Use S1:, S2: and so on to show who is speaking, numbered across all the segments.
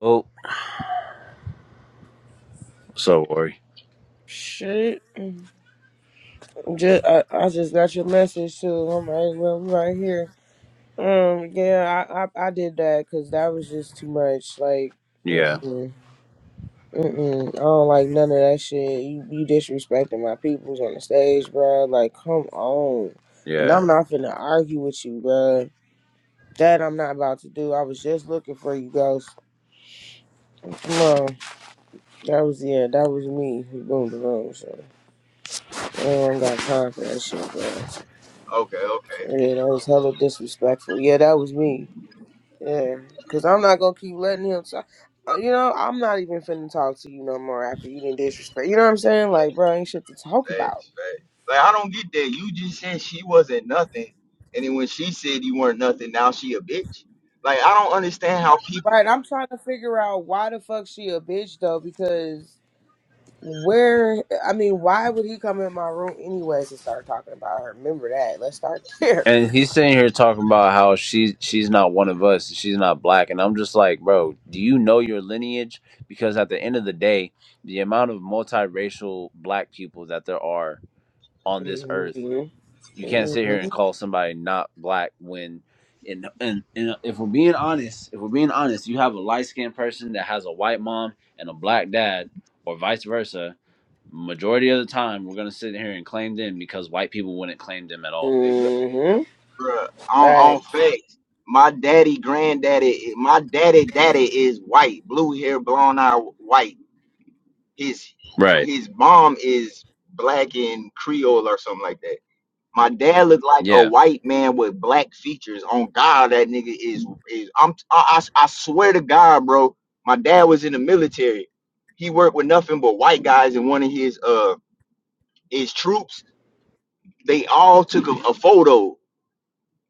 S1: Oh, so Ori.
S2: Shit. Just, I, I just got your message too. I'm right, well, I'm right here. Um, yeah, I, I, I did that because that was just too much. Like,
S1: Yeah,
S2: mm-mm, mm-mm. I don't like none of that shit. You, you disrespecting my peoples on the stage, bro. Like, come on. And
S1: yeah.
S2: I'm not finna argue with you, bro. That I'm not about to do. I was just looking for you guys. Come on. That was, yeah, that was me who boomed the room, so I don't got time for that shit, bro.
S3: Okay, okay.
S2: Yeah, that was hella disrespectful. Yeah, that was me. Yeah, cause I'm not gonna keep letting him. Talk. uh, You know, I'm not even finna talk to you no more after you didn't disrespect. You know what I'm saying? Like, bro, ain't shit to talk about.
S3: Facts, facts. Like I don't get that. You just said she wasn't nothing, and then when she said you weren't nothing, now she a bitch. Like I don't understand how people
S2: Right? I'm trying to figure out why the fuck she a bitch though, because where? I mean, why would he come in my room anyways and start talking about her? Remember that. Let's start there.
S1: And he's sitting here talking about how she she's not one of us. She's not black. And I'm just like, bro, do you know your lineage? Because at the end of the day, the amount of multiracial black people that there are on this earth,
S2: Mhm.
S1: you can't sit here and
S2: Mhm.
S1: call somebody not black when. And, and, and if we're being honest, if we're being honest, you have a light skinned person that has a white mom and a black dad, or vice versa, Majority of the time, we're gonna sit here and claim them because white people wouldn't claim them at all.
S3: they be like,
S2: Mhm.
S3: bruh,
S2: All
S3: on
S2: right.
S3: on facts. My daddy, granddaddy, my daddy, daddy is white, blue hair, blonde eye, white. His
S1: Right.
S3: his mom is black and Creole or something like that. My dad looked like a
S1: Yeah.
S3: white man with black features. On God, that nigga is is. I'm I, I I swear to God, bro. My dad was in the military. He worked with nothing but white guys And one of his uh his troops. They all took a, a photo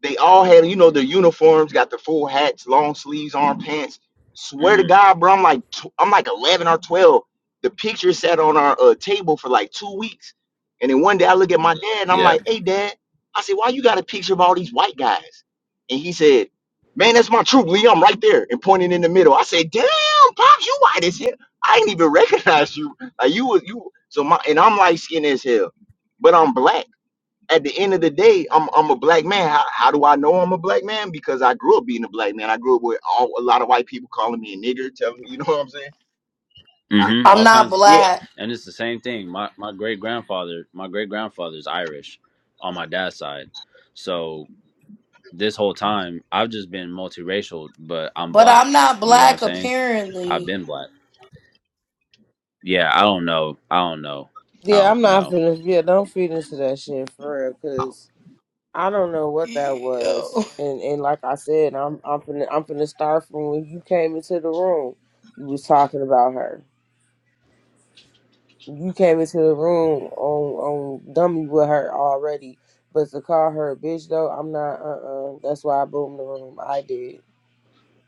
S3: they all had, you know, their uniforms, got the full hats, long sleeves, arm pants. Swear to
S1: hmm
S3: God, bro, I'm like, tw- I'm like 11 or 12. The picture sat on our uh, table for like two weeks. And then one day I look at my dad and I'm
S1: Yeah.
S3: like, hey, dad, I said, why you got a picture of all these white guys? And he said, man, that's my troop, Lee. I'm right there. And pointing in the middle. I said, damn, Pops, you white as hell. I ain't even recognize you. Like, you was, you, so my, and I'm light skinned as hell, but I'm black at the end of the day, I'm I'm a black man. How, how do I know I'm a black man? Because I grew up being a black man. I grew up with all, a lot of white people calling me a nigger, telling me, you know what I'm saying?
S1: hmm
S4: I'm
S1: All
S4: not
S1: kinds of
S3: Yeah.
S1: stuff,
S4: black,
S1: and it's the same thing. My my great grandfather, my great grandfather's Irish, on my dad's side. So this whole time, I've just been multiracial, but I'm
S4: but
S1: black.
S4: I'm not
S1: You get what I'm
S4: black
S1: saying? I've
S4: apparently.
S1: been black. Yeah. I don't know. I don't know. I
S2: Yeah, I'm
S1: don't
S2: not
S1: know.
S2: finna. Yeah, don't feed into that shit for real, cause. I don't know what that was,
S4: Yo.
S2: and and like I said, I'm I'm finna I'm finna start from when you came into the room. You was talking about her. You came into the room on on dummy with her already, but to call her a bitch though, I'm not. Uh, uh that's why I boomed the room. I did.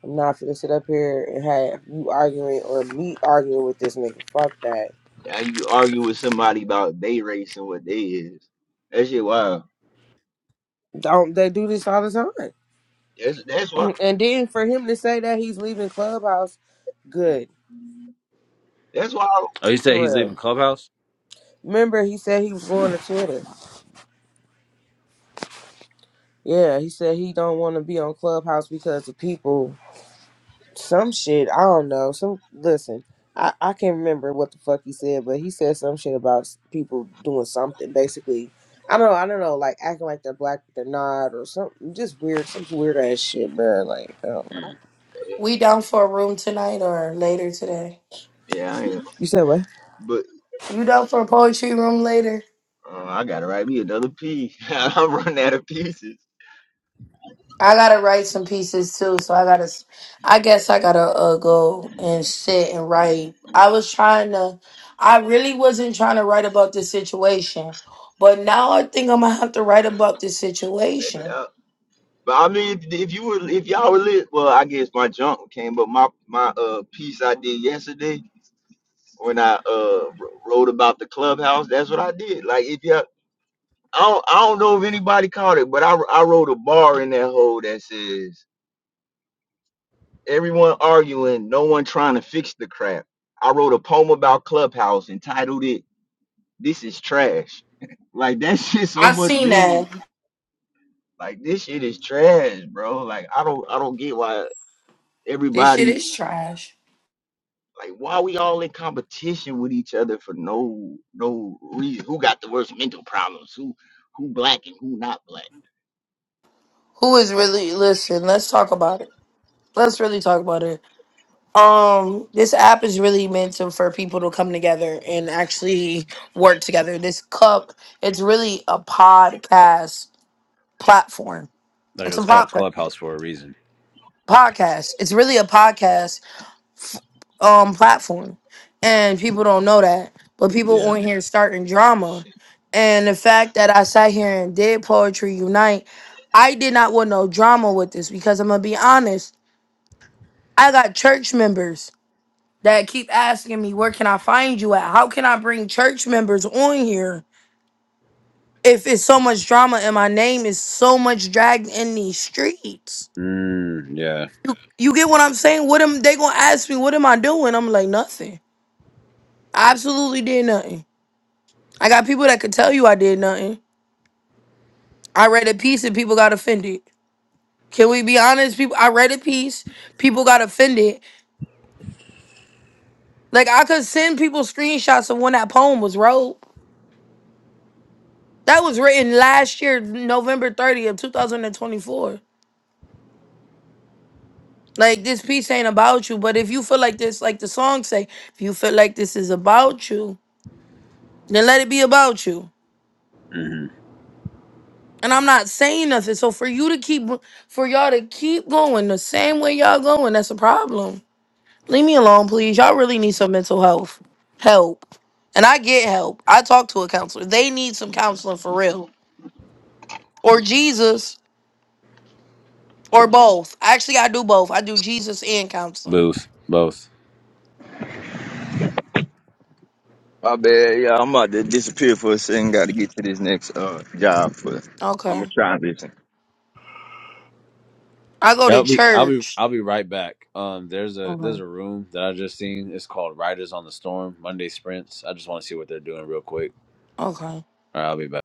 S2: I'm not finna sit up here and have you arguing or me arguing with this nigga. Fuck that.
S3: Now you argue with somebody about they race and what they is. That shit wild.
S2: Don't they do this all the time?
S3: That's that's why.
S2: And then for him to say that he's leaving Clubhouse, good.
S3: That's why. I,
S1: Oh, you said
S2: For
S1: he's
S2: real.
S1: leaving Clubhouse?
S2: Remember, he said he was going to Twitter. Yeah, he said he don't want to be on Clubhouse because of people. Some shit. I don't know. Some listen. I I can't remember what the fuck he said, but he said some shit about s- people doing something. Basically, I don't know. I don't know. Like acting like they're black, but they're not, or something. Just weird. Some weird ass shit, bro. Like I don't know.
S1: Mm.
S4: We down for a room tonight or later today?
S3: yeah, I am.
S2: You said what?
S3: But
S4: You down for a poetry room later?
S3: uh, I gotta write me another piece. I'm running out of pieces.
S4: I gotta write some pieces too, so I gotta. s- I guess I gotta uh, go and sit and write. I was trying to. I really wasn't trying to write about this situation, but now I think I'm gonna have to write about this
S3: Let it
S4: situation.
S3: out. But I mean, if if you were, if y'all were lit, well, I guess my junk came, but my my uh piece I did yesterday. when I uh wrote about the clubhouse. That's what I did. Like if you, I don't, I don't know if anybody caught it, but I I wrote a bar in that hole that says everyone arguing, no one trying to fix the crap. I wrote a poem about clubhouse entitled it "This is Trash." Like that shit so
S4: I
S3: much
S4: seen
S3: mean.
S4: that.
S3: Like this shit is trash, bro. Like I don't I don't get why
S4: This shit
S3: everybody
S4: is trash.
S3: Like, why we all in competition with each other for no no reason? Who got the worst mental problems? Who who black and who not black?
S4: Who is really listen? Let's talk about it. Let's really talk about it. Um, this app is really meant to, for people to come together and actually work together. This cup, it's really a podcast platform.
S1: Like
S4: It's a
S1: it's called
S4: podca-
S1: Clubhouse for a reason.
S4: podcast. It's really a podcast um platform, and people don't know that. But people
S1: Yeah.
S4: on here starting drama, and the fact that I sat here and did poetry unite, I did not want no drama with this because I'm gonna be honest. I got church members. that keep asking me, where can I find you at? How can I bring church members on here if it's so much drama and my name is so much dragged in these streets?
S1: Mm, yeah.
S4: You get what I'm saying? What am they gonna ask me? What am I doing? I'm like nothing. I absolutely did nothing. I got people that could tell you I did nothing. I read a piece and people got offended. Can we be honest? People, I read a piece. People got offended. Like I could send people screenshots of when that poem was wrote. That was written last year, November 30th, 2024. Like this piece ain't about you, but if you feel like this, like the song say, if you feel like this is about you, then let it be about you.
S1: Mm-hmm.
S4: And I'm not saying nothing. So for you to keep, for y'all to keep going the same way y'all going, that's a problem. Leave me alone, please. Y'all really need some mental health help. And I get help. I talk to a counselor. They need some counseling for real, or Jesus, or both. Actually, I do both. I do Jesus and counseling.
S1: Both, both.
S3: My bad. Yeah, I'm about to disappear for a second. Got to get to this next uh job, but I'm gonna
S4: Okay.
S3: try this.
S4: I go to
S1: I'll be, I'll be,
S4: church.
S1: I'll be right back. Um, there's a, there's
S4: Okay.
S1: a room that I just seen. It's called Riders on the Storm Monday Sprints. I just want to see what they're doing real quick.
S4: Okay.
S1: All right, I'll be back.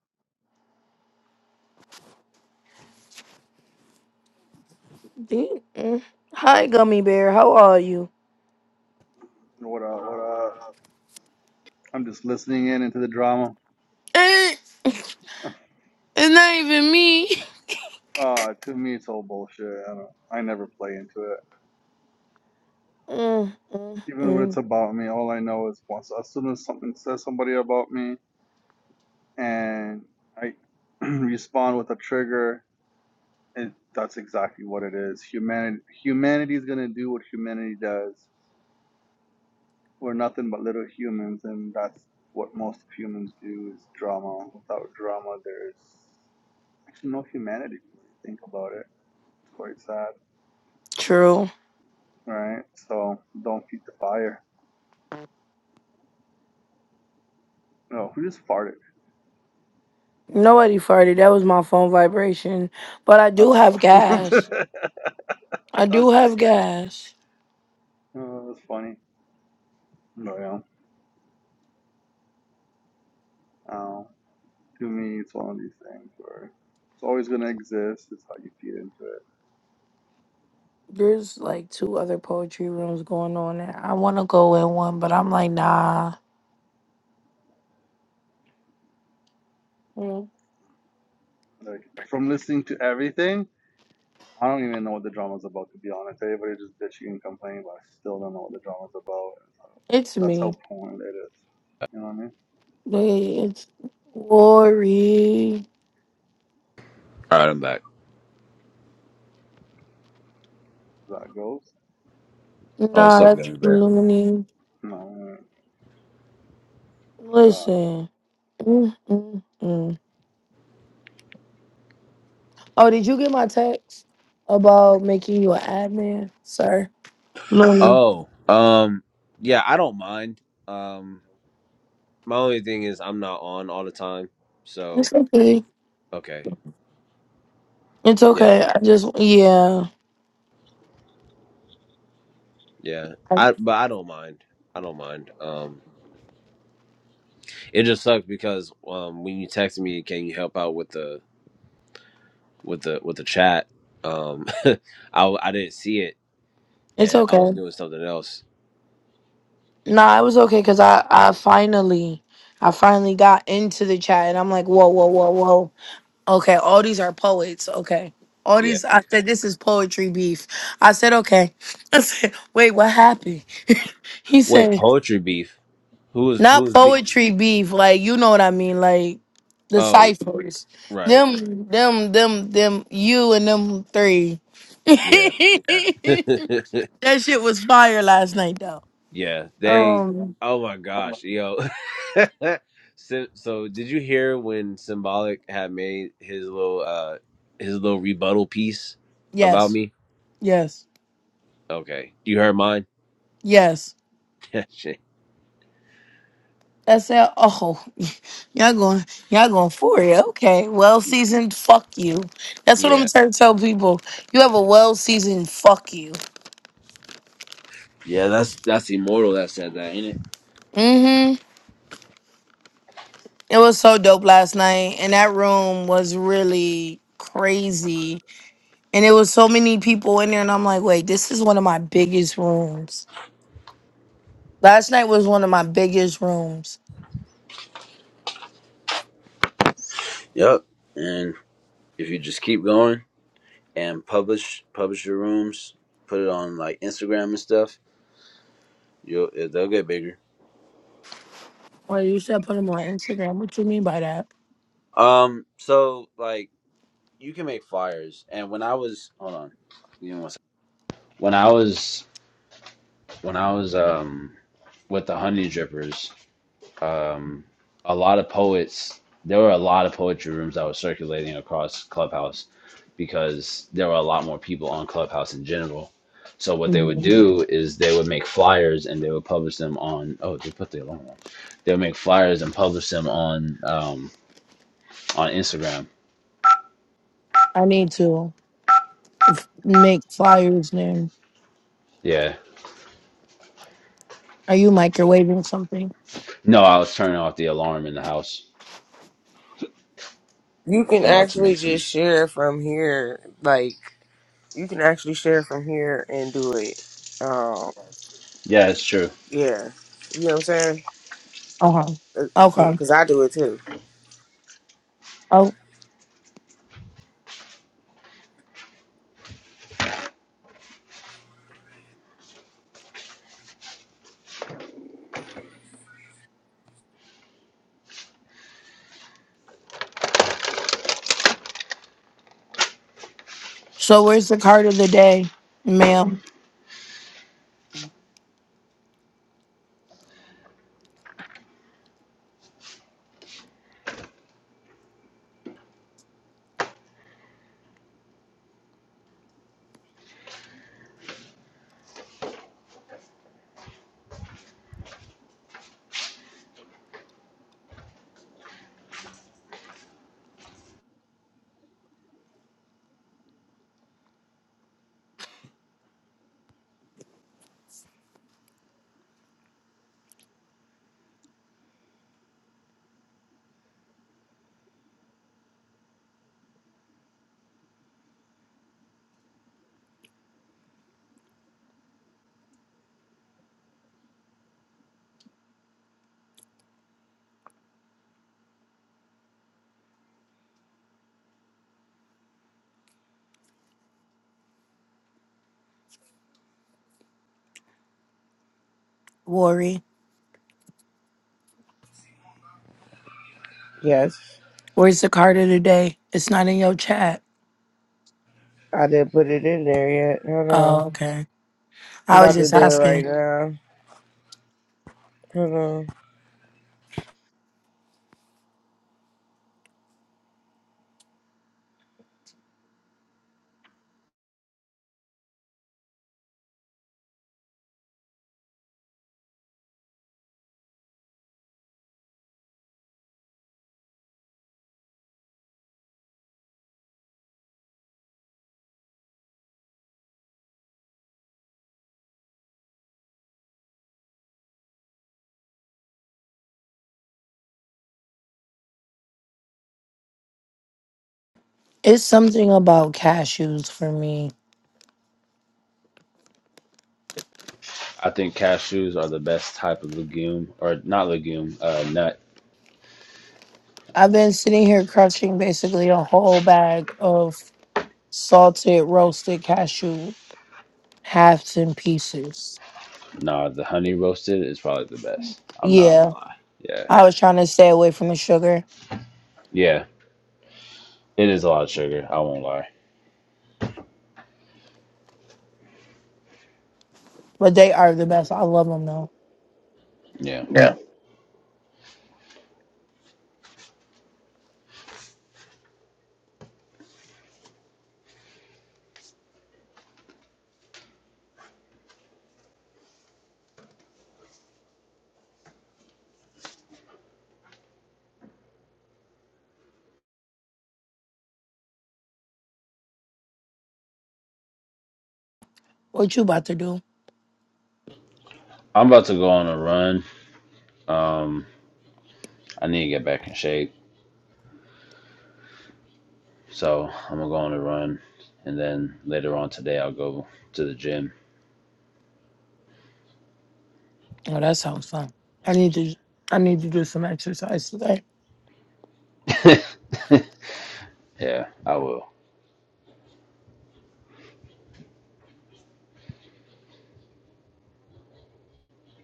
S4: D- mm. Hi, Gummy Bear. How are you?
S5: What up? What up? I'm just listening in into the drama.
S4: Eh, It's not even me.
S5: Uh, to me, it's all bullshit. I don't. I never play into it.
S4: Mm, mm,
S5: Even when it's
S4: mm.
S5: about me, all I know is once as soon as something says somebody about me, and I respond with a trigger, it, that's exactly what it is. Humanity, humanity is gonna do what humanity does. We're nothing but little humans, and that's what most humans do is drama. Without drama, there's actually no humanity. When you think about it, it's quite sad.
S4: True.
S5: Alright, so don't feed the fire. No, who just farted?
S4: Nobody farted. That was my phone vibration. But I do
S5: Oh,
S4: have gas.
S5: I
S4: I do
S5: was
S4: have
S5: like,
S4: gas.
S5: oh, that's funny. But yeah, um, to me, it's one of these things where it's always gonna exist. It's how you feed into it.
S4: There's like two other poetry rooms going on. And I want to go in one, but I'm like, nah. Mm,
S5: Like from listening to everything, I don't even know what the drama's about. To be honest, everybody's just bitching and complaining, but I still don't know what the drama's about. So
S4: It's
S5: that's
S4: me.
S5: how prone it is. You know what I mean?
S4: Wait, It's Lori.
S1: All right, I'm
S5: So
S1: back.
S5: that goes.
S1: Oh, what's
S4: Nah,
S1: up,
S5: No,
S4: that's
S1: Gummy Bear?
S4: Looney.
S5: no, God.
S4: Listen. Mm, mm, mm. Oh, did you get my text about making you an admin, sir? Looney.
S1: Oh, um, yeah, I don't mind. Um, my only thing is I'm not on all the time. So
S4: It's okay.
S1: okay,
S4: It's
S1: yeah,
S4: okay. I just yeah.
S1: yeah. I, but I don't mind. I don't mind. Um, it just sucks because um, when you text me, can you help out with the with the with the chat. Um, I I didn't see it,
S4: It's
S1: and I was
S4: okay.
S1: doing something else.
S4: Nah, it was okay because I I finally I finally got into the chat and I'm like whoa whoa whoa whoa. Okay, all these are poets. Okay, all
S1: Yeah.
S4: these I said this is poetry beef. I said okay. I said wait, what happened? He
S1: Wait,
S4: said
S1: poetry beef. Who was who
S4: Not
S1: was be?
S4: poetry beef, like you know what I mean, like the
S1: Oh, y-
S4: ciphers.
S1: right.
S4: Them, them, them, them. You and them three.
S1: Yeah.
S4: that shit was fire last night, though.
S1: yeah. They.
S4: Um.
S1: Oh my gosh, yo. so, so did you hear when Symbolic had made his little uh his little rebuttal piece about
S4: Yes.
S1: me?
S4: Yes.
S1: Okay, you heard mine.
S4: Yes.
S1: Shit.
S4: That's it. Oh, y'all going, y'all going for it. Okay. Well seasoned. Fuck you. That's what I'm
S1: yeah.
S4: trying to tell people. You have a well seasoned. Fuck you.
S1: Yeah. That's that's immortal. That said that, ain't it?
S4: Mm-hmm. It was so dope last night, and that room was really crazy. And it was so many people in there, and I'm like, wait, this is one of my biggest rooms. Last night was one of my biggest rooms.
S1: Yep. And if you just keep going and publish publish your rooms, put it on like Instagram and stuff, you'll it- they'll get bigger.
S4: Well, you should put them on Instagram. What you mean by that?
S1: Um, so like you can make flyers. And when I was hold on, you know one second. When I was when I was um with the honey drippers, um, a lot of poets. There were a lot of poetry rooms that were circulating across Clubhouse because there were a lot more people on Clubhouse in general. So what they would
S4: Mhm.
S1: do is they would make flyers and they would publish them on. Oh, they put the alarm on. They would make flyers and publish them on um, on Instagram.
S4: I need to make flyers then.
S1: Yeah.
S4: Are you microwaving something?
S1: No, I was turning off the alarm in the house.
S2: You can
S1: I'm about to
S2: actually
S1: make some.
S2: just share from here. Like you can actually share from here and do it. Um.
S1: Yeah, it's true.
S2: Yeah. You know what I'm saying?
S4: Uh huh. Okay.
S2: Because I do it too.
S4: Oh, so where's the card of the day, ma'am? Worry.
S2: Yes.
S4: Where's the card of the day? It's not in your chat.
S2: I didn't put it in there yet. Hold on.
S4: Oh, okay.
S2: I'm
S4: I was
S2: about to
S4: just
S2: do it right
S4: asking.
S2: now. Hold on.
S4: It's something about cashews for me.
S1: I think cashews are the best type of legume, or not legume, uh, nut
S4: I've been sitting here crushing basically a whole bag of salted roasted cashew halves and pieces.
S1: Nah, the honey roasted is probably the best. I'm not gonna
S4: Yeah,
S1: lie. Yeah.
S4: I was trying to stay away from the sugar,
S1: Yeah. It is a lot of sugar. I won't lie.
S4: but they are the best. I love them though.
S1: Yeah.
S4: What you about to do?
S1: I'm about to go on a run. Um, I need to get back in shape. So I'm gonna go on a run. And then later on today, I'll go to the gym.
S4: Oh, that sounds fun. I need to. I need to do some exercise today.
S1: yeah, I will.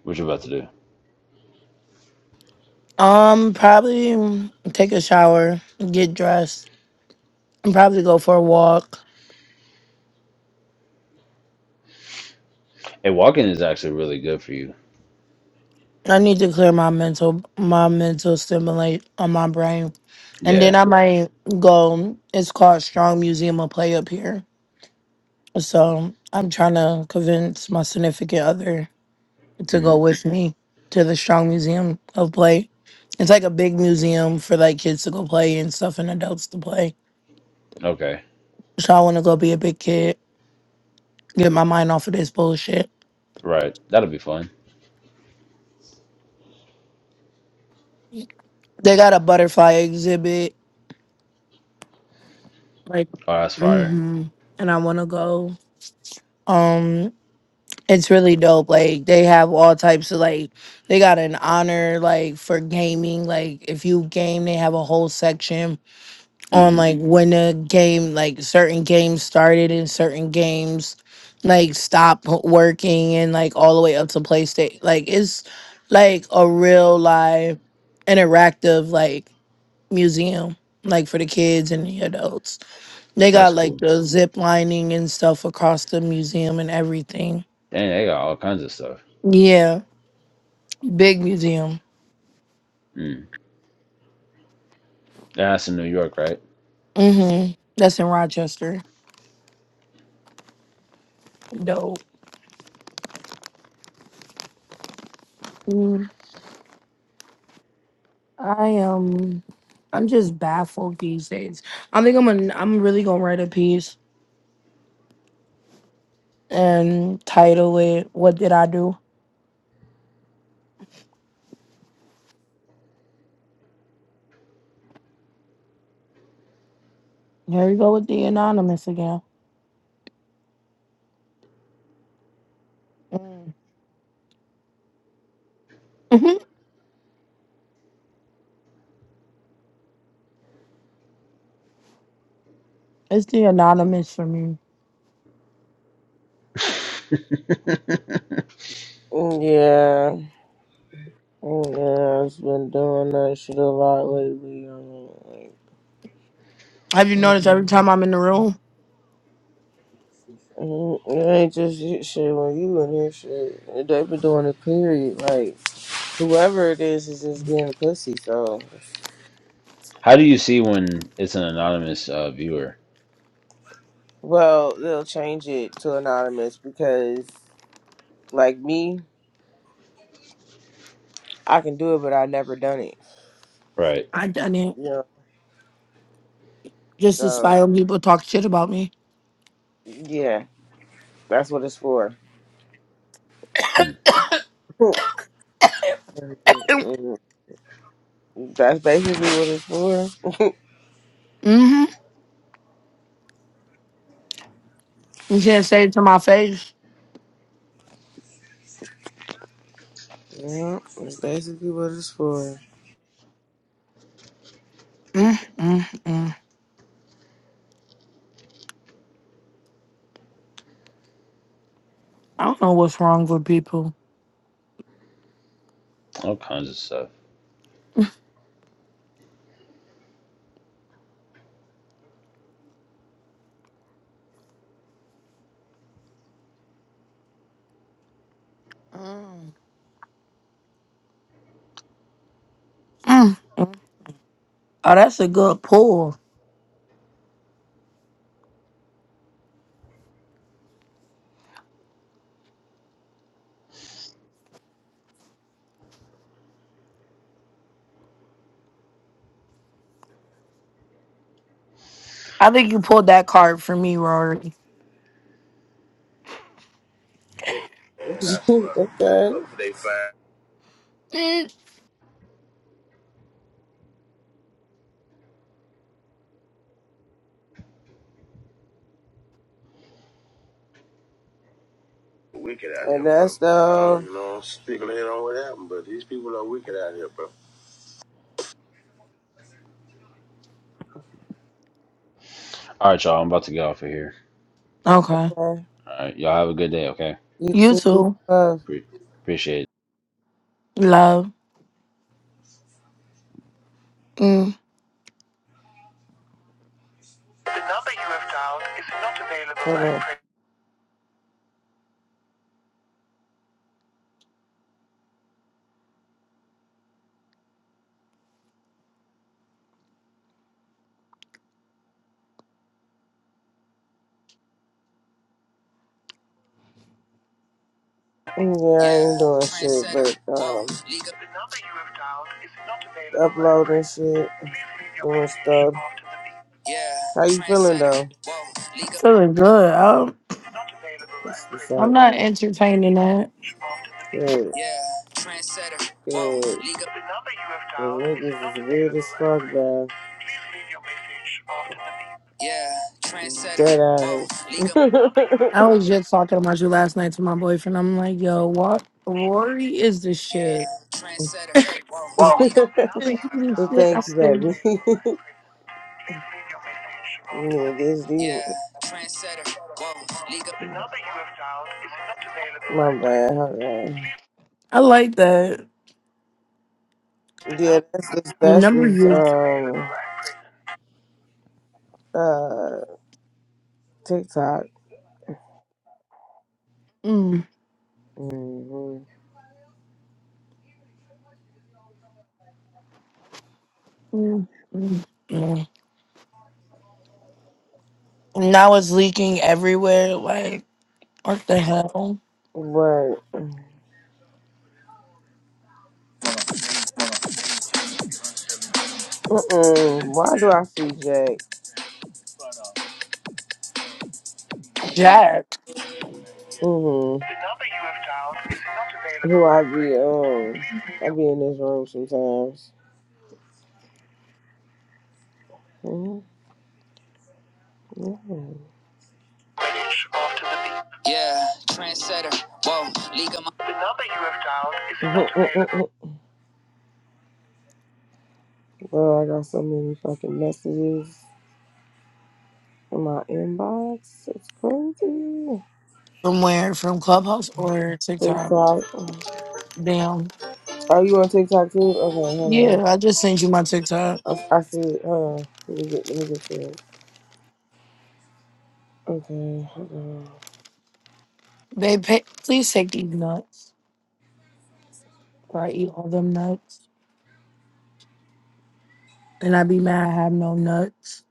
S1: What you about to do?
S4: Um, probably mm, take a shower, get dressed, and probably go for a walk.
S1: Hey, walking is actually really good for you.
S4: I need to clear my mental, my mental stimulate on my brain, and then
S1: Yeah.
S4: I might go. It's called Strong Museum of Play up here, so I'm trying to convince my significant other to
S1: hmm
S4: go with me to the Strong Museum of Play. It's like a big museum for like kids to go play and stuff, and adults to play.
S1: Okay.
S4: So I want to go be a big kid, get my mind off of this bullshit.
S1: Right. That'll be fun.
S4: They got a butterfly exhibit, like,
S1: Oh, that's fire.
S4: mm-hmm, and I want to go. Um. it's really dope. Like they have all types of like they got an honor like for gaming. Like if you game, they have a whole section on
S1: hmm
S4: like when a game like certain games started and certain games like stop working and like all the way up to PlayStation. Like it's like a real live interactive like museum like for the kids and the adults. They
S1: That's
S4: got like
S1: cool.
S4: the zip lining and stuff across the museum and everything.
S1: Dang, they got all kinds of stuff.
S4: Yeah. Big museum.
S1: Mm. And That's in New York, right?
S4: Mm-hmm. That's in Rochester. Dope. Mm, I am. I'm just baffled these days. I think I'm gonna. I'm really gonna write a piece and title it "What Did I Do." Here we go with the anonymous again. Mm. hmm it's the anonymous for me.
S2: Mm, Yeah. Mm, Yeah, I've been doing that shit a lot lately. I mean,
S4: Have you
S2: like,
S4: noticed every
S2: mm,
S4: time I'm in the room,
S2: mm, it ain't just you- shit when you in this shit. They been doing it, period. Like, whoever it is is just getting pussy, so.
S1: How do you see when it's an anonymous uh, viewer?
S2: Well, they'll change it to anonymous because, like me, I can do it, but i never done it.
S1: Right.
S4: I done it
S2: You know,
S4: just to
S2: so.
S4: spy on people talk shit about me.
S2: Yeah, that's what it's for.
S1: Hmm.
S2: Mhm. That's basically what it's for.
S4: Mm-hmm. You can't say it to my face.
S2: Yeah, that's basically what it's for.
S4: Mm-mm-mm. I don't know what's wrong with people.
S1: All kinds of stuff.
S4: Mm. Mm. Oh, that's a good pull. I think you pulled that card for me, Rory.
S2: okay.
S4: Mm.
S2: And that's the. You know, people here don't know what happened, but these people are wicked out here, bro.
S1: All right, y'all. I'm about to get off of here.
S4: Okay.
S2: Yeah,
S1: All right. Y'all have a good day, okay?
S2: you
S4: You
S2: too, peace and
S4: too.
S2: love.
S1: Pre- appreciate it.
S4: Love. Mm.
S2: Hold on. Yeah, I ain't doing shit, but um, uploading shit, doing stuff. How you feeling
S4: I'm
S2: though?
S4: feeling good. I'm,
S2: What's, what's
S4: I'm
S2: up?
S4: not entertaining that.
S2: Good. Yeah, trendsetter. Good. The number is niggas is weird as fuck, bro. Yeah, trendsetter. Dead Whoa,
S4: I was just talking about you last night to my boyfriend. I'm like, yo, what? Rory is the shit.
S2: Yeah, trendsetter. Whoa,
S4: I said, "He the
S2: Well,
S4: shit." I
S2: thank you, baby.
S4: said,
S2: is not available. Yeah, trendsetter. Whoa, League of- The number you have dialed is not available. My bad, hold on.
S4: I like that.
S2: Yeah, that's just
S4: The
S2: that's
S4: number
S2: is
S4: you.
S2: um uh TikTok.
S4: Mm.
S2: hmm
S4: Mm. Mm. Mm. Now it's leaking everywhere. Like, what the hell?
S2: But mm-mm, why do I see Jack?
S4: Jack.
S2: hmm Who I be um I be in this room sometimes. hmm Yeah. Yeah, trendsetter. Whoa, league of my. Well, I got so many fucking messages in my inbox. It's crazy.
S4: From where? From Clubhouse or TikTok?
S2: TikTok.
S4: Damn.
S2: Are you on TikTok too? Okay, hold
S4: Yeah, I just sent you my TikTok.
S2: on. I, I see. it. Hold on. Let me get. Let me get to it. Okay. Hold on.
S4: They pay, please take these nuts. Or I eat all them nuts. And I be mad I have no nuts.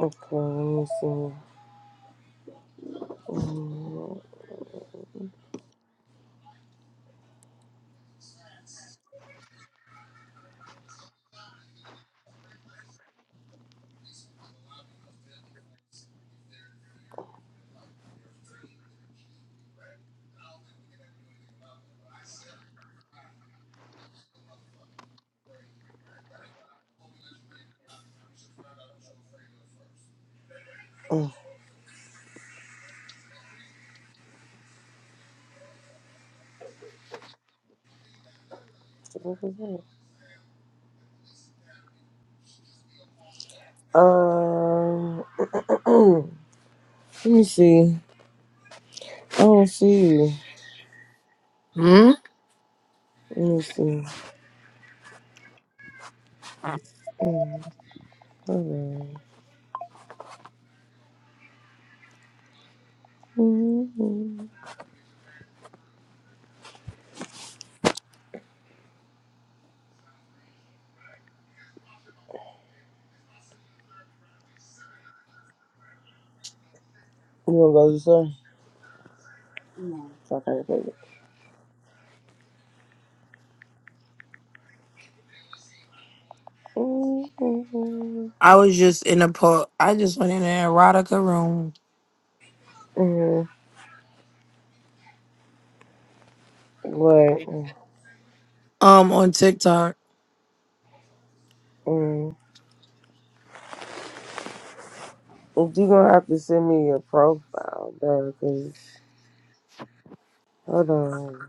S2: Okay. Let me see. Mm, mm, What was that? Um. let me see. I don't see you.
S4: Hmm?
S2: Let me see. Mm, Hold on. Mm-hmm. You wanna go to the store? So I can play it. Mm-hmm.
S4: I was just in a po I just went in an erotica room.
S2: Mm-hmm. What?
S4: Um on TikTok.
S2: Mm-hmm. You're gonna have to send me your profile, bro, because hold on.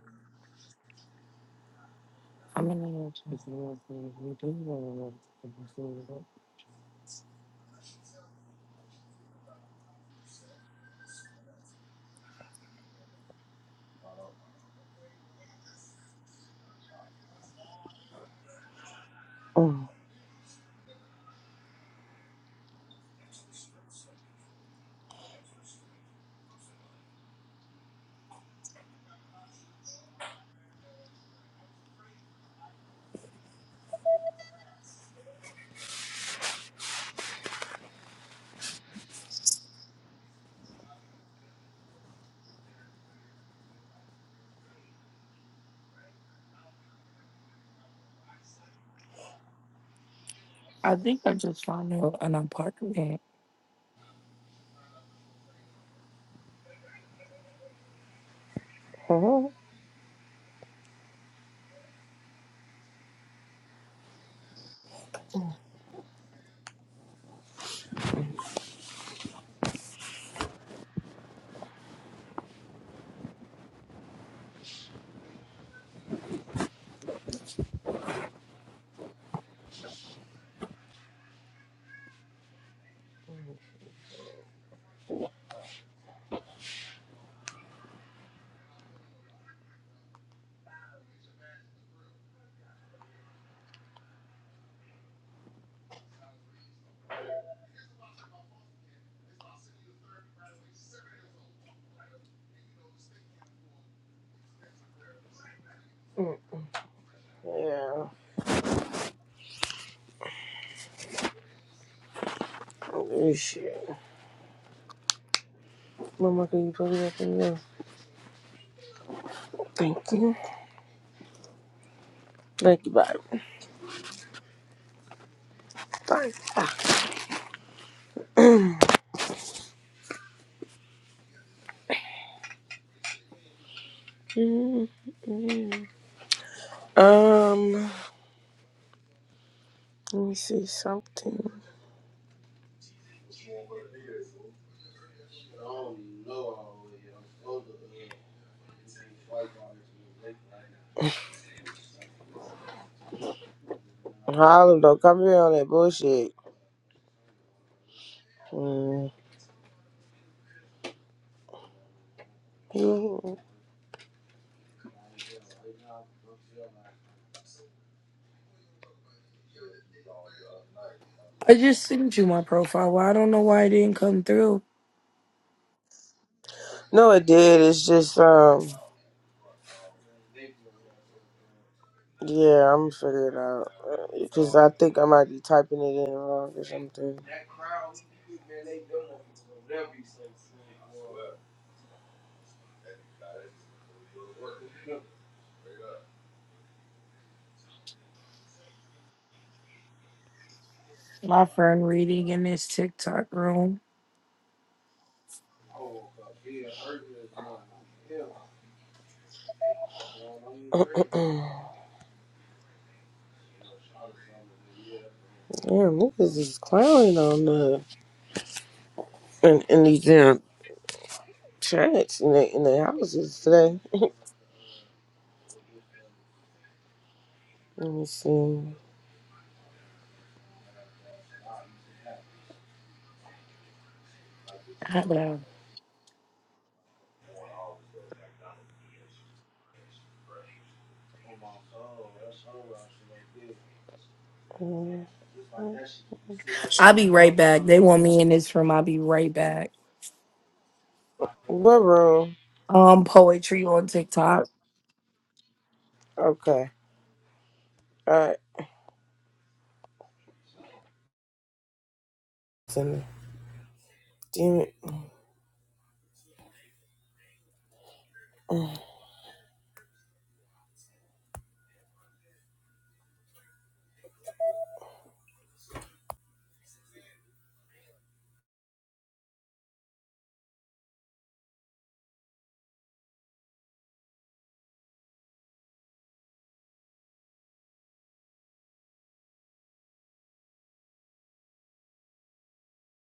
S4: I'm in an erotica room.
S2: Mhm.
S4: I think I just found out an apartment.
S2: yeah. Good shit. Mama, can you put it up in there? Thank you. Thank you, Bye. Bye. you. um, let me see something. Harlem, don't come here on that bullshit. Mm.
S4: I just sent you my profile. Well, I don't know why it didn't come through.
S2: No, it did. It's just, um, yeah, I'm figuring it out. Because I think I might be typing it in wrong or something.
S4: My friend reading in this TikTok room.
S2: Damn, niggas is clowning on the in, in these damn chats in the in the houses today. Let me see.
S4: Hello.
S2: Uh,
S4: I'll be right back. They want me in this room. I'll be right back.
S2: What room?
S4: Um, poetry on TikTok.
S2: Okay. Alright. Damn it.